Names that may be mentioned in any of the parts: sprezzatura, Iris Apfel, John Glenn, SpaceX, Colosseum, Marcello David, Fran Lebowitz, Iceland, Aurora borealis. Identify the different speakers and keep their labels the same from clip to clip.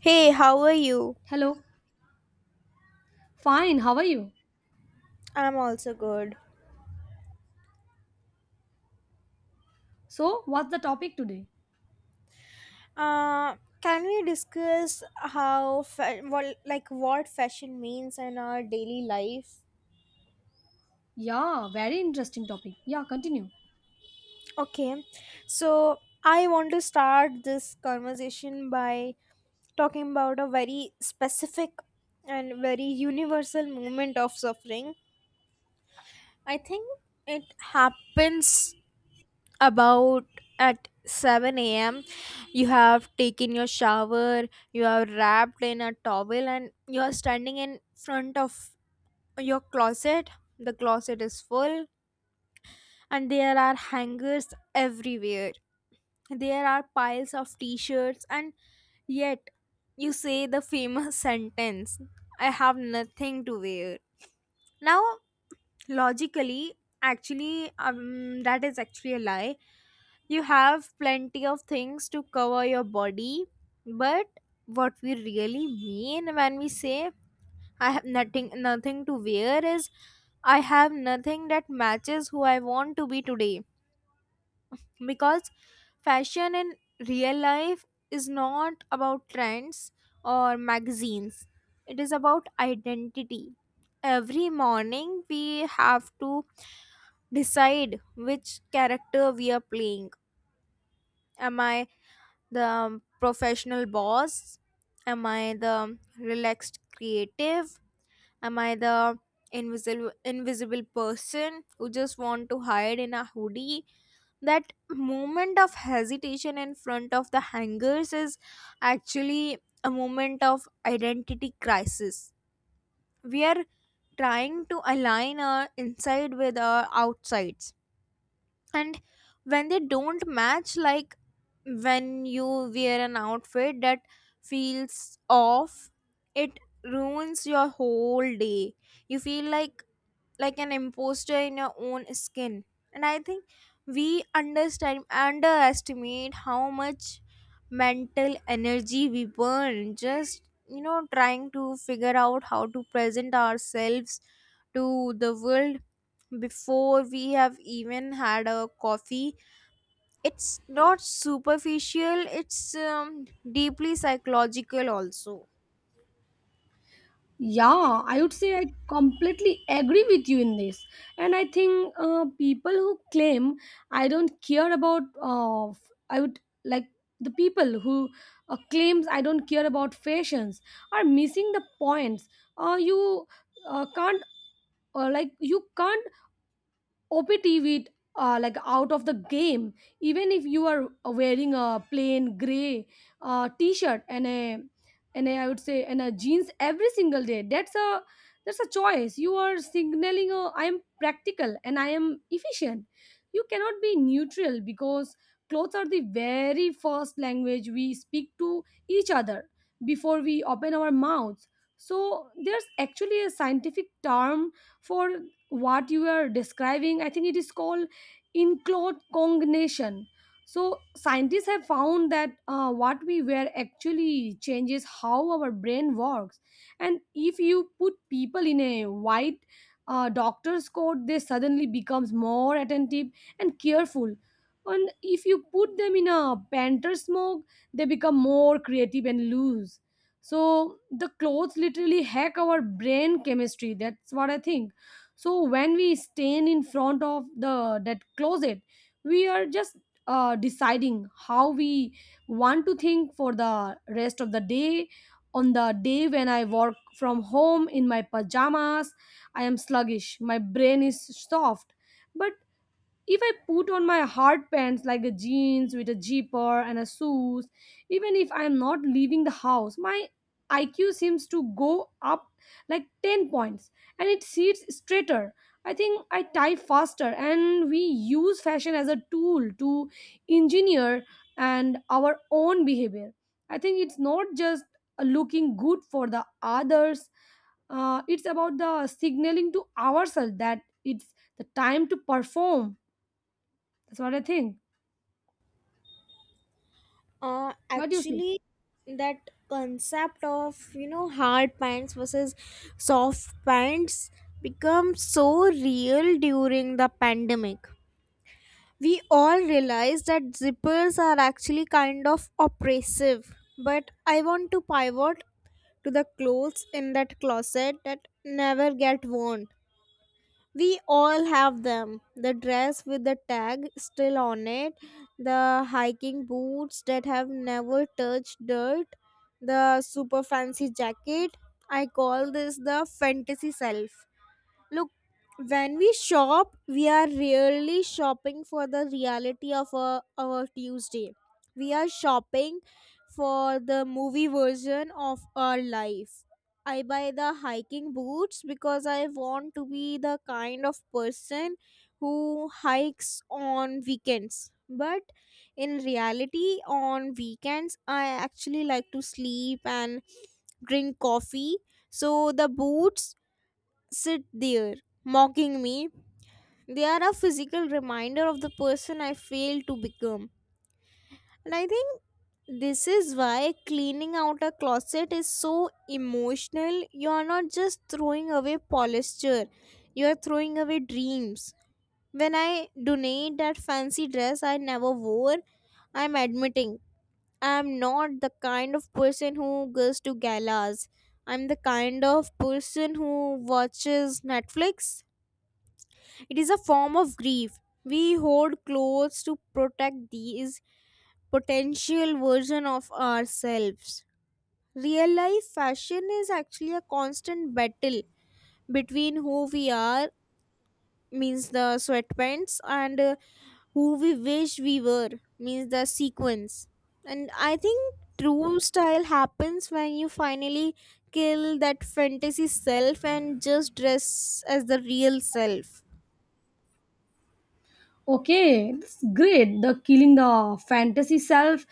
Speaker 1: Hey, how are you?
Speaker 2: Hello. Fine. How are you?
Speaker 1: I'm also good.
Speaker 2: So, what's the topic today?
Speaker 1: Uh, can we discuss what what fashion means in our daily life?
Speaker 2: Yeah, very interesting topic. Yeah, continue.
Speaker 1: Okay. So, I want to start this conversation by talking about a very specific and very universal moment of suffering. I think it happens about at 7 a.m. You have taken your shower, you are wrapped in a towel, and you are standing in front of your closet. The closet is full, and there are hangers everywhere. There are piles of t shirts, and yet you say the famous sentence I have nothing to wear. Now, logically, actually that is actually a lie. You have plenty of things to cover your body, but what we really mean when we say I have nothing to wear is I have nothing that matches who I want to be today, because fashion in real life is not about trends or magazines. It is about identity. Every morning we have to decide which character we are playing. Am I the professional boss? Am I the relaxed creative? Am I the invisible person who just want to hide in a hoodie? That moment of hesitation in front of the hangers is actually a moment of identity crisis. We are trying to align our inside with our outsides, and when they don't match, like when you wear an outfit that feels off, it ruins your whole day. You feel like an imposter in your own skin, and I think we understand underestimate how much mental energy we burn just trying to figure out how to present ourselves to the world before we have even had a coffee. It's not superficial, it's deeply psychological also.
Speaker 2: Yeah, I would say I completely agree with you in this. And I think people who claim I don't care about, I would like the people who claims I don't care about fashions are missing the points. You can't you can't OPT with out of the game, even if you are wearing a plain gray t-shirt and a, I would say and a jeans every single day. That's a choice. You are signaling a, I am practical and I am efficient. You cannot be neutral because clothes are the very first language we speak to each other before we open our mouths. So there's actually a scientific term for what you are describing. I think it is called inclode cognation. So scientists have found that what we wear actually changes how our brain works, and if you put people in a white doctor's coat, they suddenly becomes more attentive and careful, and if you put them in a panther smock, they become more creative and loose. So the clothes literally hack our brain chemistry. That's what I think. So when we stand in front of the that closet, we are just deciding how we want to think for the rest of the day. On the day when I work from home in my pajamas, I am sluggish. My brain is soft. But if I put on my hard pants, like a jeans with a zipper and a shoes, even if I'm not leaving the house, my IQ seems to go up like 10 points, and it sits straighter. I think I type faster, and we use fashion as a tool to engineer and our own behavior. I think it's not just looking good for the others. It's about the signaling to ourselves that it's the time to perform. That's what I think. What do you say?
Speaker 1: Actually, that concept of hard pants versus soft pants become so real during the pandemic. We all realize that zippers are actually kind of oppressive, but I want to pivot to the clothes in that closet that never get worn. We all have them. The dress with the tag still on it, the hiking boots that have never touched dirt, the super fancy jacket. I call this the fantasy self. Look, when we shop, we are really shopping for the reality of our Tuesday. We are shopping for the movie version of our life. I buy the hiking boots because I want to be the kind of person who hikes on weekends. But in reality, on weekends, I actually like to sleep and drink coffee. So the boots sit there mocking me. They are a physical reminder of the person I failed to become. And I think this is why cleaning out a closet is so emotional. You are not just throwing away posture, you are throwing away dreams. When I donate that fancy dress I never wore, I'm admitting I'm not the kind of person who goes to galas. I'm the kind of person who watches Netflix. It is a form of grief. We hoard clothes to protect these potential version of ourselves. Real life fashion is actually a constant battle between who we are, means the sweatpants, and who we wish we were, means the sequins. And I think true style happens when you finally kill that fantasy self and just dress as the real self.
Speaker 2: Okay, that's great. The killing the fantasy self,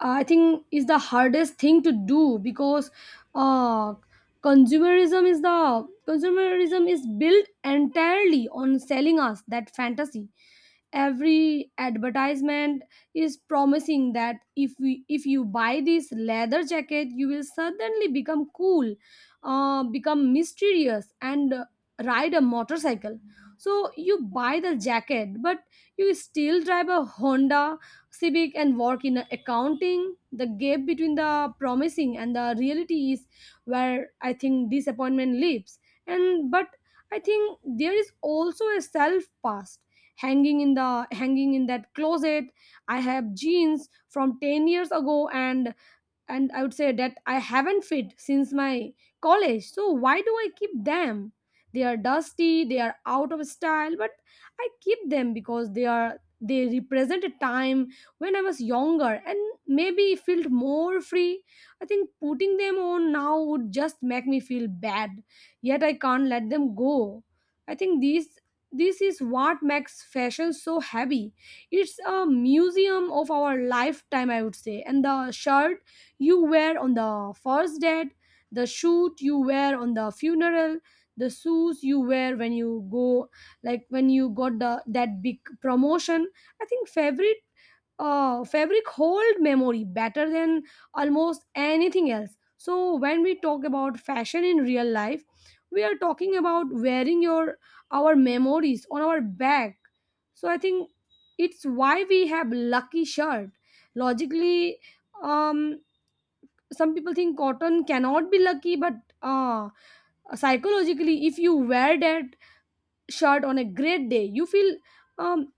Speaker 2: I think, is the hardest thing to do because uh, consumerism is built entirely on selling us that fantasy. Every advertisement is promising that if you buy this leather jacket, you will suddenly become cool, become mysterious and ride a motorcycle. So you buy the jacket, but you still drive a Honda Civic and work in accounting. The gap between the promising and the reality is where I think disappointment lives. And but I think there is also a self past hanging in that closet. I have jeans from 10 years ago, and I would say that I haven't fit since my college. So why do I keep them? They are dusty, they are out of style, but I keep them because they represent a time when I was younger and maybe felt more free. I think putting them on now would just make me feel bad. Yet I can't let them go. I think these this is what makes fashion so heavy. It's a museum of our lifetime, I would say. And the shirt you wear on the first date, the suit you wear on the funeral, the shoes you wear when you go, like when you got the that big promotion. I think favorite fabric hold memory better than almost anything else. So when we talk about fashion in real life, we are talking about wearing your our memories on our back. So I think it's why we have lucky shirt. Logically, um, some people think cotton cannot be lucky, but uh, psychologically, if you wear that shirt on a great day, you feel um,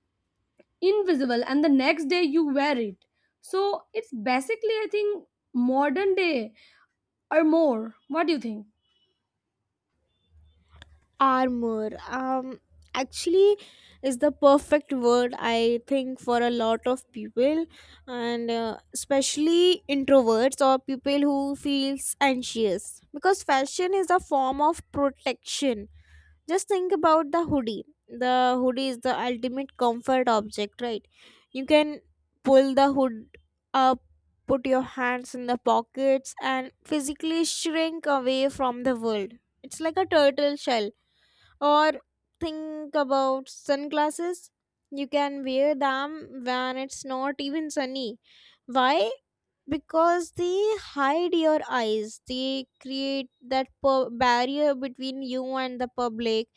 Speaker 2: invisible, and the next day you wear it. So it's basically, I think, modern day or more. What do you think?
Speaker 1: Armor actually is the perfect word I think for a lot of people, and especially introverts or people who feels anxious, because fashion is a form of protection. Just think about the hoodie. The hoodie is the ultimate comfort object, right? You can pull the hood up, put your hands in the pockets and physically shrink away from the world. It's like a turtle shell. Or think about sunglasses. You can wear them when it's not even sunny. Why? Because they hide your eyes. They create that barrier between you and the public.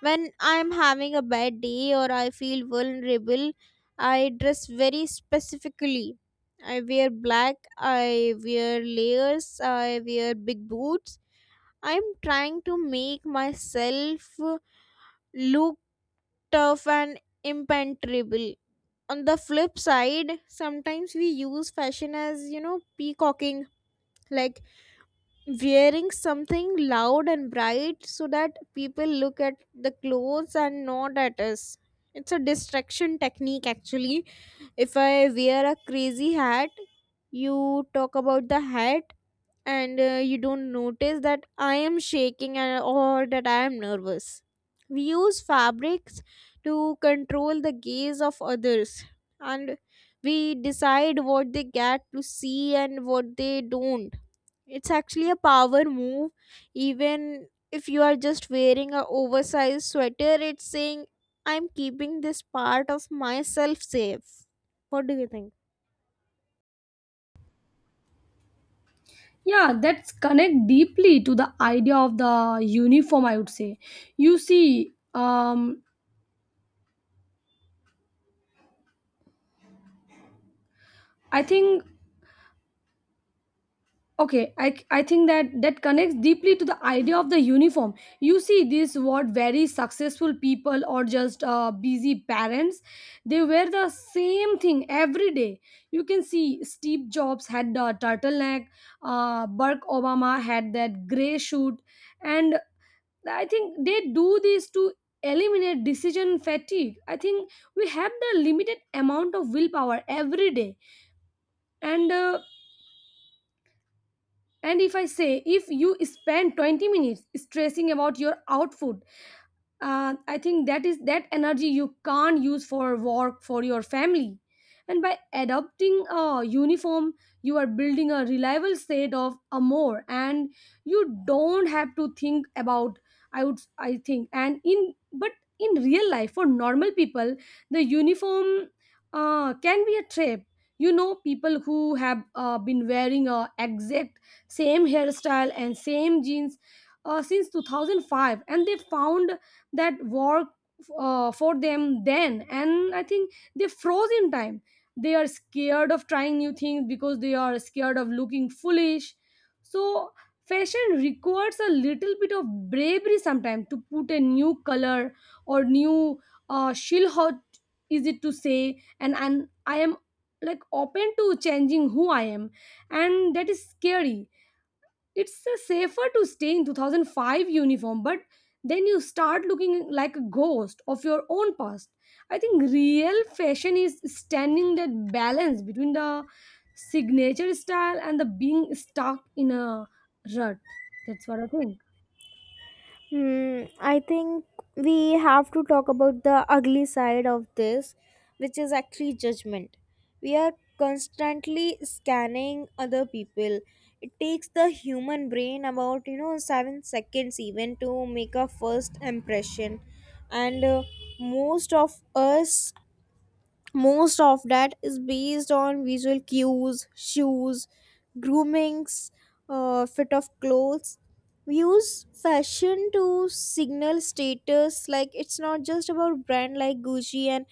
Speaker 1: When I'm having a bad day or I feel vulnerable, I dress very specifically. I wear black, I wear layers, I wear big boots. I'm trying to make myself look tough and impenetrable. On the flip side, sometimes we use fashion as, peacocking, like wearing something loud and bright so that people look at the clothes and not at us. It's a distraction technique actually. If I wear a crazy hat, you talk about the hat, and you don't notice that I am shaking, and or that I am nervous. We use fabrics to control the gaze of others, and we decide what they get to see and what they don't. It's actually a power move, even if you are just wearing a oversized sweater. It's saying I'm keeping this part of myself safe. What do you think?
Speaker 2: Yeah, that's connect deeply to the idea of the uniform, I would say. you see um i think okay i I think that that connects deeply to the idea of the uniform. You see this what very successful people or just busy parents, they wear the same thing every day. You can see Steve Jobs had the turtleneck, Barack Obama had that gray suit. And I think they do this to eliminate decision fatigue. I think we have the limited amount of willpower every day, and if I say, if you spend 20 minutes stressing about your outfit, I think that is that energy you can't use for work for your family. And by adopting a uniform, you are building a reliable state of amor, and you don't have to think about. I would I think and in but In real life for normal people, the uniform can be a trap. You know, people who have been wearing a exact same hairstyle and same jeans since 2005, and they found that work for them then, and I think they froze in time. They are scared of trying new things because they are scared of looking foolish. So fashion requires a little bit of bravery sometimes to put a new color or new shill hot, is it to say, and I am like open to changing who I am, and that is scary. It's safer to stay in 2005 uniform, but then you start looking like a ghost of your own past. I think real fashion is standing that balance between the signature style and the being stuck in a rut. That's what I think.
Speaker 1: Hmm, I think we have to talk about the ugly side of this, which is actually judgment. We are constantly scanning other people. It takes the human brain about, 7 seconds even to make a first impression. And most of us most of that is based on visual cues: shoes, groomings, fit of clothes. We use fashion to signal status. Like it's not just about brand like Gucci and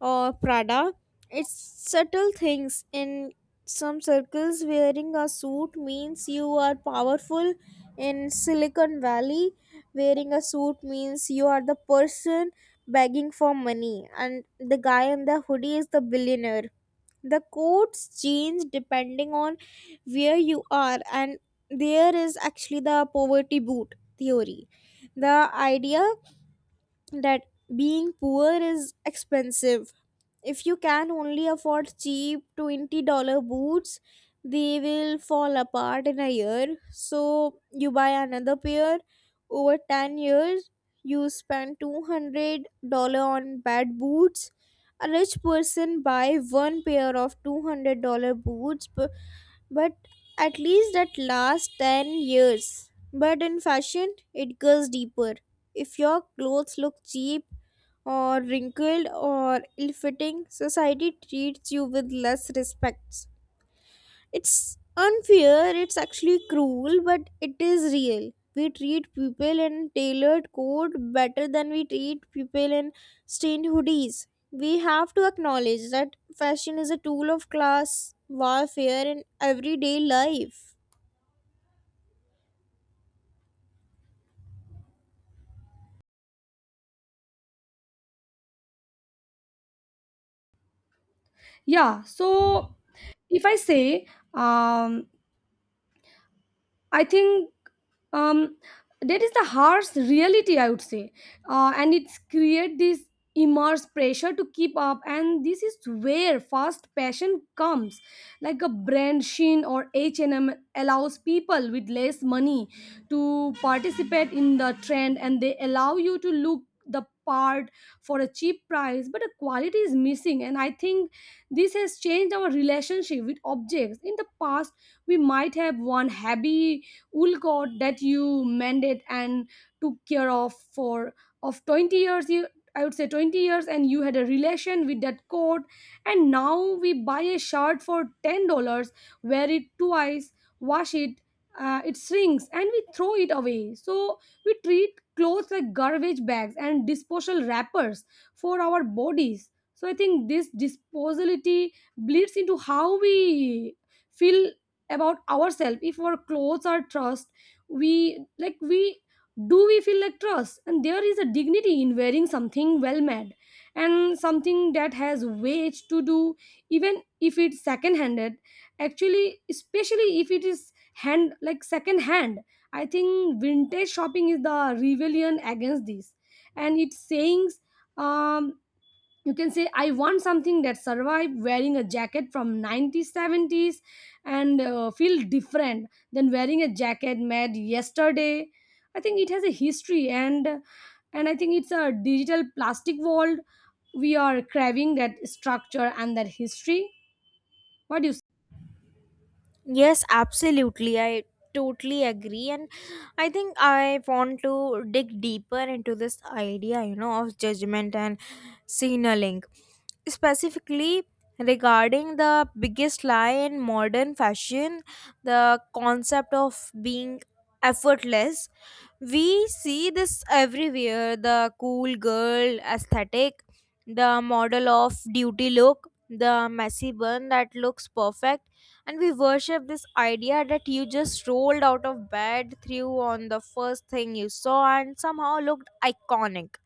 Speaker 1: or Prada. It's subtle things. In some circles wearing a suit means you are powerful. In Silicon Valley wearing a suit means you are the person begging for money, and the guy in the hoodie is the billionaire. The quotes change depending on where you are, and there is actually the poverty boot theory. The idea that being poor is expensive. If you can only afford cheap $20 dollars boots, they will fall apart in a year, so you buy another pair. Over 10 years you spend $200 on bad boots. A rich person buy one pair of $200 boots, but at least that lasts 10 years. But in fashion it goes deeper. If your clothes look cheap or wrinkled or ill-fitting, society treats you with less respect. It's unfair, it's actually cruel, but it is real. We treat people in tailored coat better than we treat people in stained hoodies. We have to acknowledge that fashion is a tool of class warfare in everyday life.
Speaker 2: Yeah, so if I say um I think um, that is the harsh reality, I would say. And it's create this immense pressure to keep up, and this is where fast fashion comes, like a brand Shein or H and M allows people with less money to participate in the trend, and they allow you to look the part for a cheap price, but the quality is missing. And I think this has changed our relationship with objects. In the past, we might have one happy wool coat that you mended and took care of for of 20 years. You I would say 20 years, and you had a relation with that coat. And now we buy a shirt for $10, wear it twice, wash it, it shrinks, and we throw it away. So we treat clothes like garbage bags and disposal wrappers for our bodies. So I think this disposability bleeds into how we feel about ourselves. If our clothes are trust, we like we we feel like trust. And there is a dignity in wearing something well made and something that has weight to do, even if it's second handed. Actually, especially if it is hand like second hand. I think vintage shopping is the rebellion against this, and it's saying, um you can say, I want something that survived. Wearing a jacket from 90s 70s and feel different than wearing a jacket made yesterday. I think it has a history. And I think it's a digital plastic world. We are craving that structure and that history. What do you say?
Speaker 1: Yes, absolutely. I totally agree. And I think I want to dig deeper into this idea, of judgment and signaling, specifically regarding the biggest lie in modern fashion, the concept of being effortless. We see this everywhere: the cool girl aesthetic, the model of duty look, the messy bun that looks perfect, and we worship this idea that you just rolled out of bed, threw on the first thing you saw and somehow looked iconic.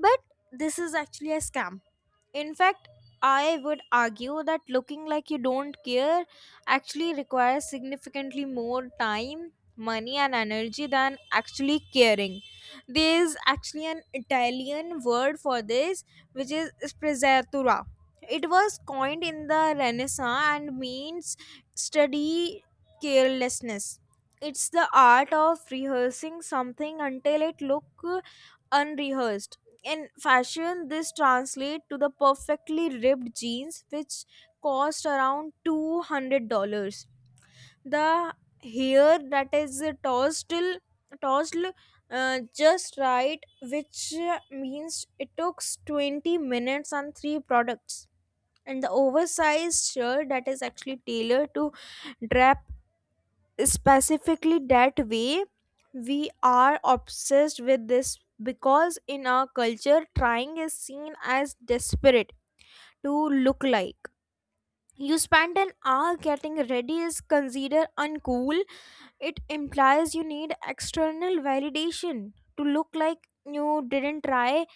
Speaker 1: But this is actually a scam. In fact, I would argue that looking like you don't care actually requires significantly more time, money, and energy than actually caring. There is actually an Italian word for this, which is sprezzatura. It was coined in the Renaissance and means study carelessness. It's the art of rehearsing something until it looks unrehearsed. In fashion this translates to the perfectly ripped jeans which cost around $200, the hair that is tossed just right, which means it took 20 minutes and three products, and the oversized shirt that is actually tailored to drab specifically that way. We are obsessed with this because in our culture trying is seen as desperate. To look like you spend an hour getting ready is considered uncool. It implies you need external validation. To look like you didn't try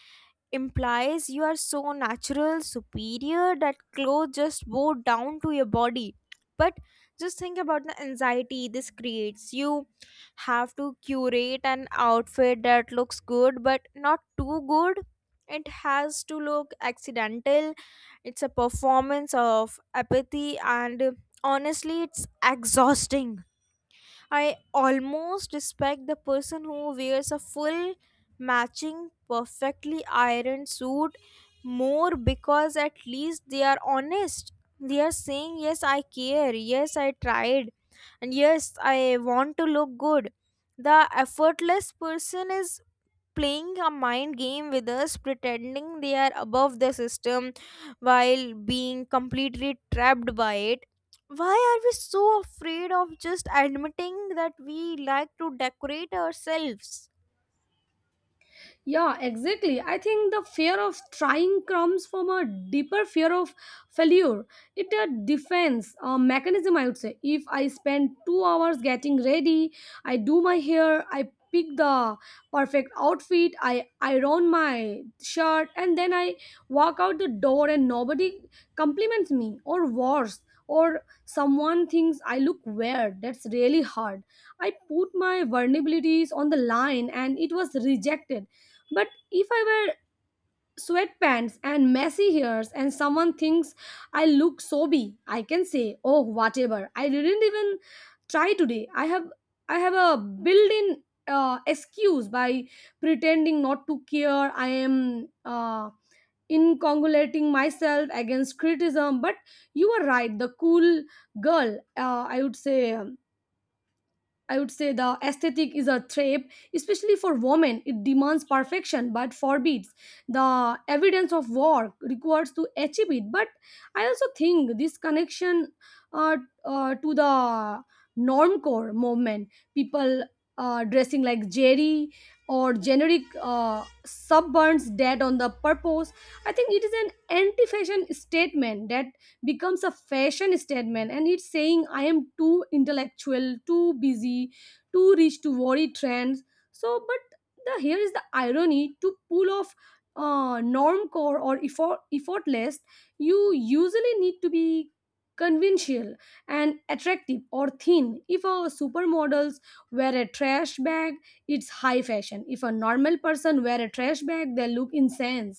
Speaker 1: implies you are so natural, superior that clothes just bow down to your body. But just think about the anxiety this creates. You have to curate an outfit that looks good but not too good. It has to look accidental. It's a performance of apathy, and honestly, it's exhausting. I almost respect the person who wears a full matching perfectly ironed suit more because at least they are honest. They are saying, yes, I care, yes, I tried, and yes, I want to look good. The effortless person is playing a mind game with us, pretending they are above the system while being completely trapped by it. Why are we so afraid of just admitting that we like to decorate ourselves?
Speaker 2: Yeah, exactly. I think the fear of trying comes from a deeper fear of failure. It's a defense mechanism, I would say. If I spend 2 hours getting ready, I do my hair, I pick the perfect outfit, I iron my shirt, and then I walk out the door and nobody compliments me, or worse, or someone thinks I look weird. That's really hard. I put my vulnerabilities on the line, and it was rejected. But if I wear sweatpants and messy hairs and someone thinks I look sobby, I can say, "Oh, whatever. I didn't even try today." I have a built-in excuse. By pretending not to care, I am incongulating myself against criticism. But you are right. The cool girl, I would say. I would say the aesthetic is a trap, especially for women. It demands perfection but forbids the evidence of work required to achieve it. But I also think this connection, uh, to the normcore movement, people dressing like Jerry or generic suburns dead on the purpose. I think it is an anti-fashion statement that becomes a fashion statement, and it's saying, I am too intellectual, too busy, too rich to worry trends. So, but the here is the irony. To pull off norm or effortless, you usually need to be conventional and attractive or thin. If a supermodels wear a trash bag, it's high fashion. If a normal person wear a trash bag, they look insane.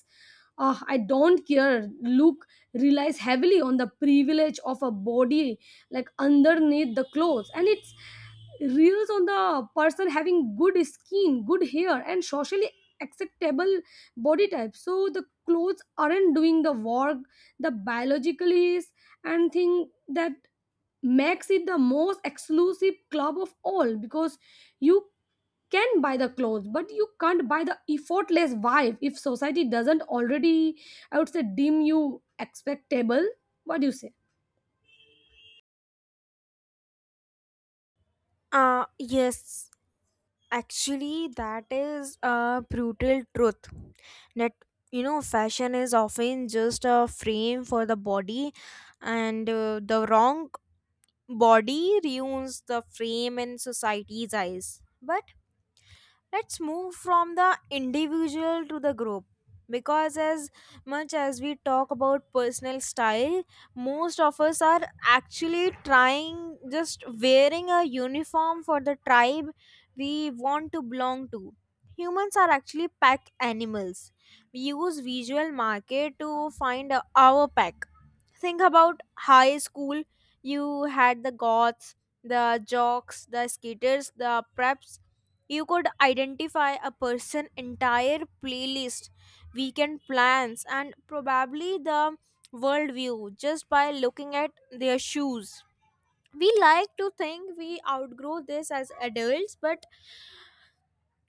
Speaker 2: I don't care look relies heavily on the privilege of a body like underneath the clothes, and it's reels on the person having good skin, good hair, and socially acceptable body type. So the clothes aren't doing the work, the biologically is. And think that makes it the most exclusive club of all, because you can buy the clothes, but you can't buy the effortless vibe if society doesn't already, I would say, deem you expectable. What do you say?
Speaker 1: Yes, actually, that is a brutal truth. That fashion is often just a frame for the body, and the wrong body ruins the frame in society's eyes. But let's move from the individual to the group, because as much as we talk about personal style, most of us are actually trying just wearing a uniform for the tribe we want to belong to. Humans are actually pack animals. We use visual market to find our pack. Think about high school. You had the goths, the jocks, the skaters, the preps. You could identify a person entire playlist, weekend plans and probably the worldview just by looking at their shoes. We like to think we outgrow this as adults, but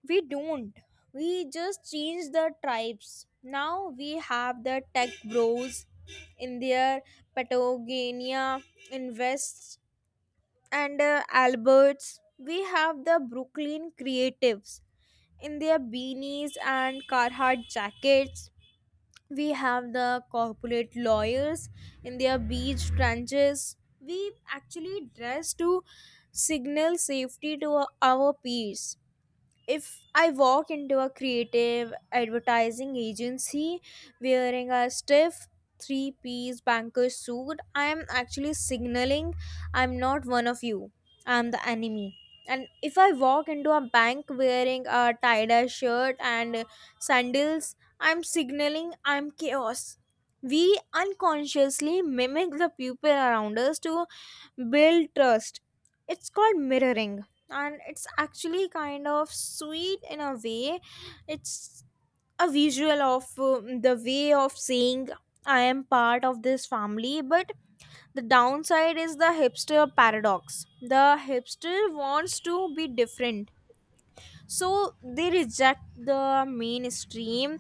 Speaker 1: we don't. We just change the tribes. Now we have the tech bros in their Patagonia, Invest, and Alberts. We have the Brooklyn creatives in their beanies and Carhartt jackets. We have the corporate lawyers in their beach trenches. We actually dress to signal safety to our peers. If I walk into a creative advertising agency wearing a stiff three-piece banker suit, I am actually signaling I'm not one of you, I'm the enemy. And if I walk into a bank wearing a tie dye shirt and sandals, I'm signaling I'm chaos. We unconsciously mimic the people around us to build trust. It's called mirroring, and it's actually kind of sweet in a way. It's a visual of the way of saying I am part of this family. But the downside is the hipster paradox. The hipster wants to be different, so they reject the mainstream,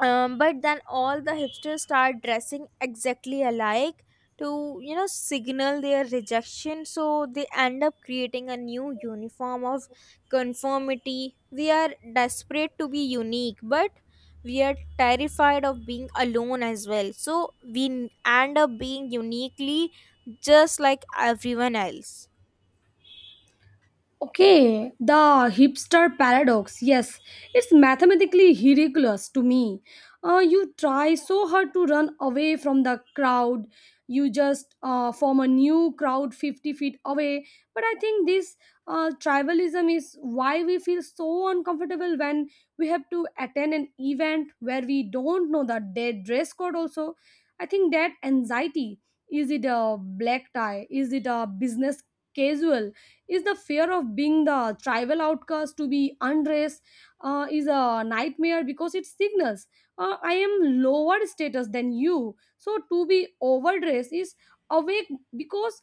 Speaker 1: but then all the hipsters start dressing exactly alike to, signal their rejection, so they end up creating a new uniform of conformity. We are desperate to be unique, but we are terrified of being alone as well, so we end up being uniquely just like everyone else.
Speaker 2: Okay, the hipster paradox. Yes, it's mathematically ridiculous to me. You try so hard to run away from the crowd, you just form a new crowd 50 feet away. But I think this tribalism is why we feel so uncomfortable when we have to attend an event where we don't know the dead dress code, also. I think that anxiety, is it a black tie? Is it a business casual? Is the fear of being the tribal outcast. To be undressed is a nightmare because it signals I am lower status than you. So to be overdressed is awake because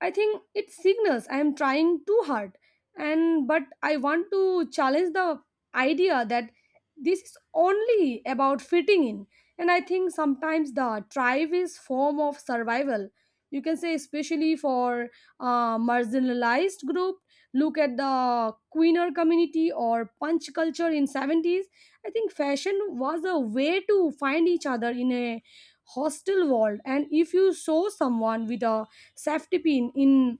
Speaker 2: I think it signals I am trying too hard. And but I want to challenge the idea that this is only about fitting in. And I think sometimes the tribe is form of survival, you can say, especially for marginalized group. Look at the queener community or punch culture in 70s. I think fashion was a way to find each other in a hostile world. And if you saw someone with a safety pin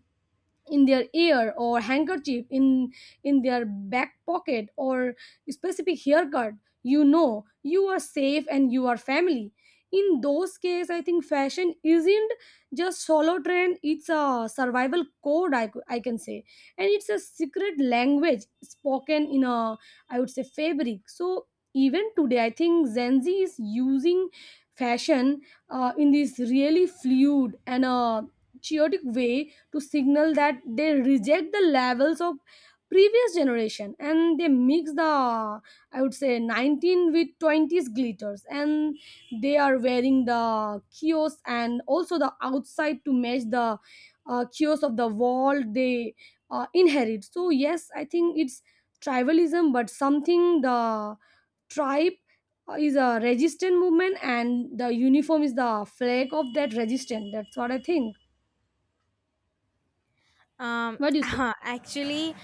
Speaker 2: in their ear, or handkerchief in their back pocket, or specific haircut, you know you are safe and you are family. In those cases, I think fashion isn't just solo trend, it's a survival code, I can say. And it's a secret language spoken in a, I would say, fabric. So even today, I think Gen Z is using fashion in this really fluid and chaotic way to signal that they reject the levels of previous generation. And they mix the, I would say, 19 with 20s glitters, and they are wearing the kiosk and also the outside to match the kiosk of the wall they inherit. So yes, I think it's tribalism, but something the tribe is a resistant movement, and the uniform is the flag of that resistance. That's what I think.
Speaker 1: Um,
Speaker 2: What do you say?
Speaker 1: actually,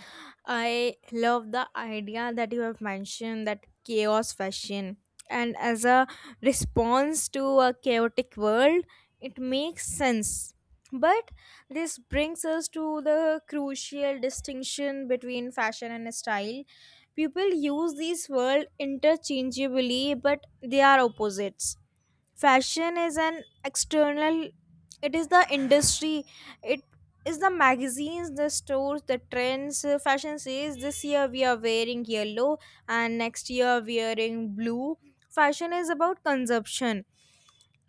Speaker 1: I love the idea that you have mentioned, that chaos fashion, and as a response to a chaotic world, it makes sense. But this brings us to the crucial distinction between fashion and style. People use these words interchangeably, but they are opposites. Fashion is an external. It is the industry, it is the magazines, the stores, the trends. Fashion says this year we are wearing yellow and next year wearing blue. Fashion is about consumption.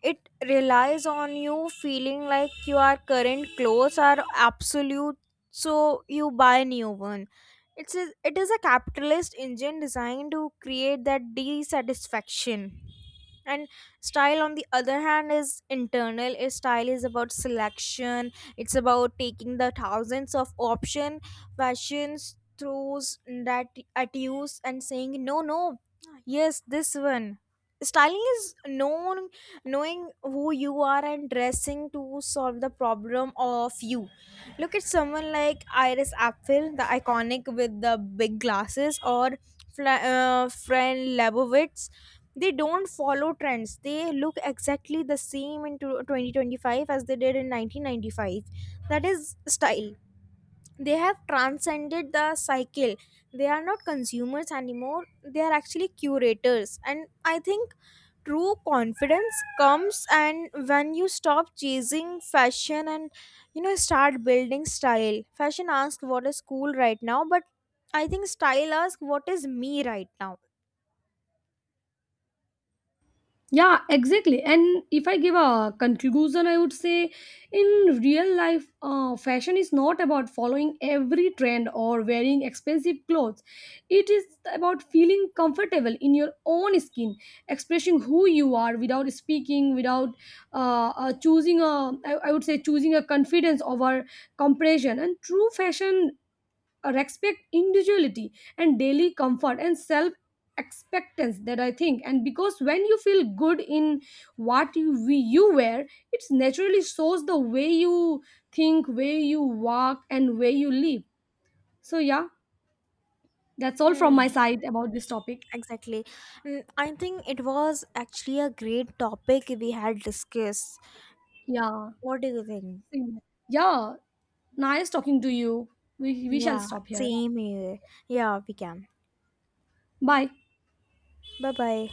Speaker 1: It relies on you feeling like your current clothes are absolute, so you buy new one. It is a capitalist engine designed to create that dissatisfaction. And style, on the other hand, is internal. Its style is about selection. It's about taking the thousands of option fashions throughs that at use and saying no, no, yes, this one. Styling is known knowing who you are and dressing to solve the problem of you. Look at someone like Iris Apfel, the iconic with the big glasses, or friend Lebowitz. They don't follow trends. They look exactly the same in 2025 as they did in 1995. That is style. They have transcended the cycle. They are not consumers anymore, they are actually curators. And I think true confidence comes and when you stop chasing fashion and, start building style. Fashion asks what is cool right now, but I think style asks what is me right now.
Speaker 2: Yeah, exactly. And if I give a conclusion, I would say in real life, fashion is not about following every trend or wearing expensive clothes. It is about feeling comfortable in your own skin, expressing who you are without speaking, without choosing a, I would say, choosing a confidence over compression. And true fashion respect individuality and daily comfort and self expectance, that I think. And because when you feel good in what you wear, it naturally shows the way you think, way you walk, and way you live. So yeah, that's all from my
Speaker 1: Hmm,
Speaker 2: side about this topic.
Speaker 1: exactly. Mm, I think it was actually a great topic we had discussed.
Speaker 2: Yeah.
Speaker 1: What do you think?
Speaker 2: Same. Yeah, nice talking to you. We shall
Speaker 1: Yeah,
Speaker 2: stop here.
Speaker 1: same here. Yeah, we can.
Speaker 2: Bye.
Speaker 1: 拜拜。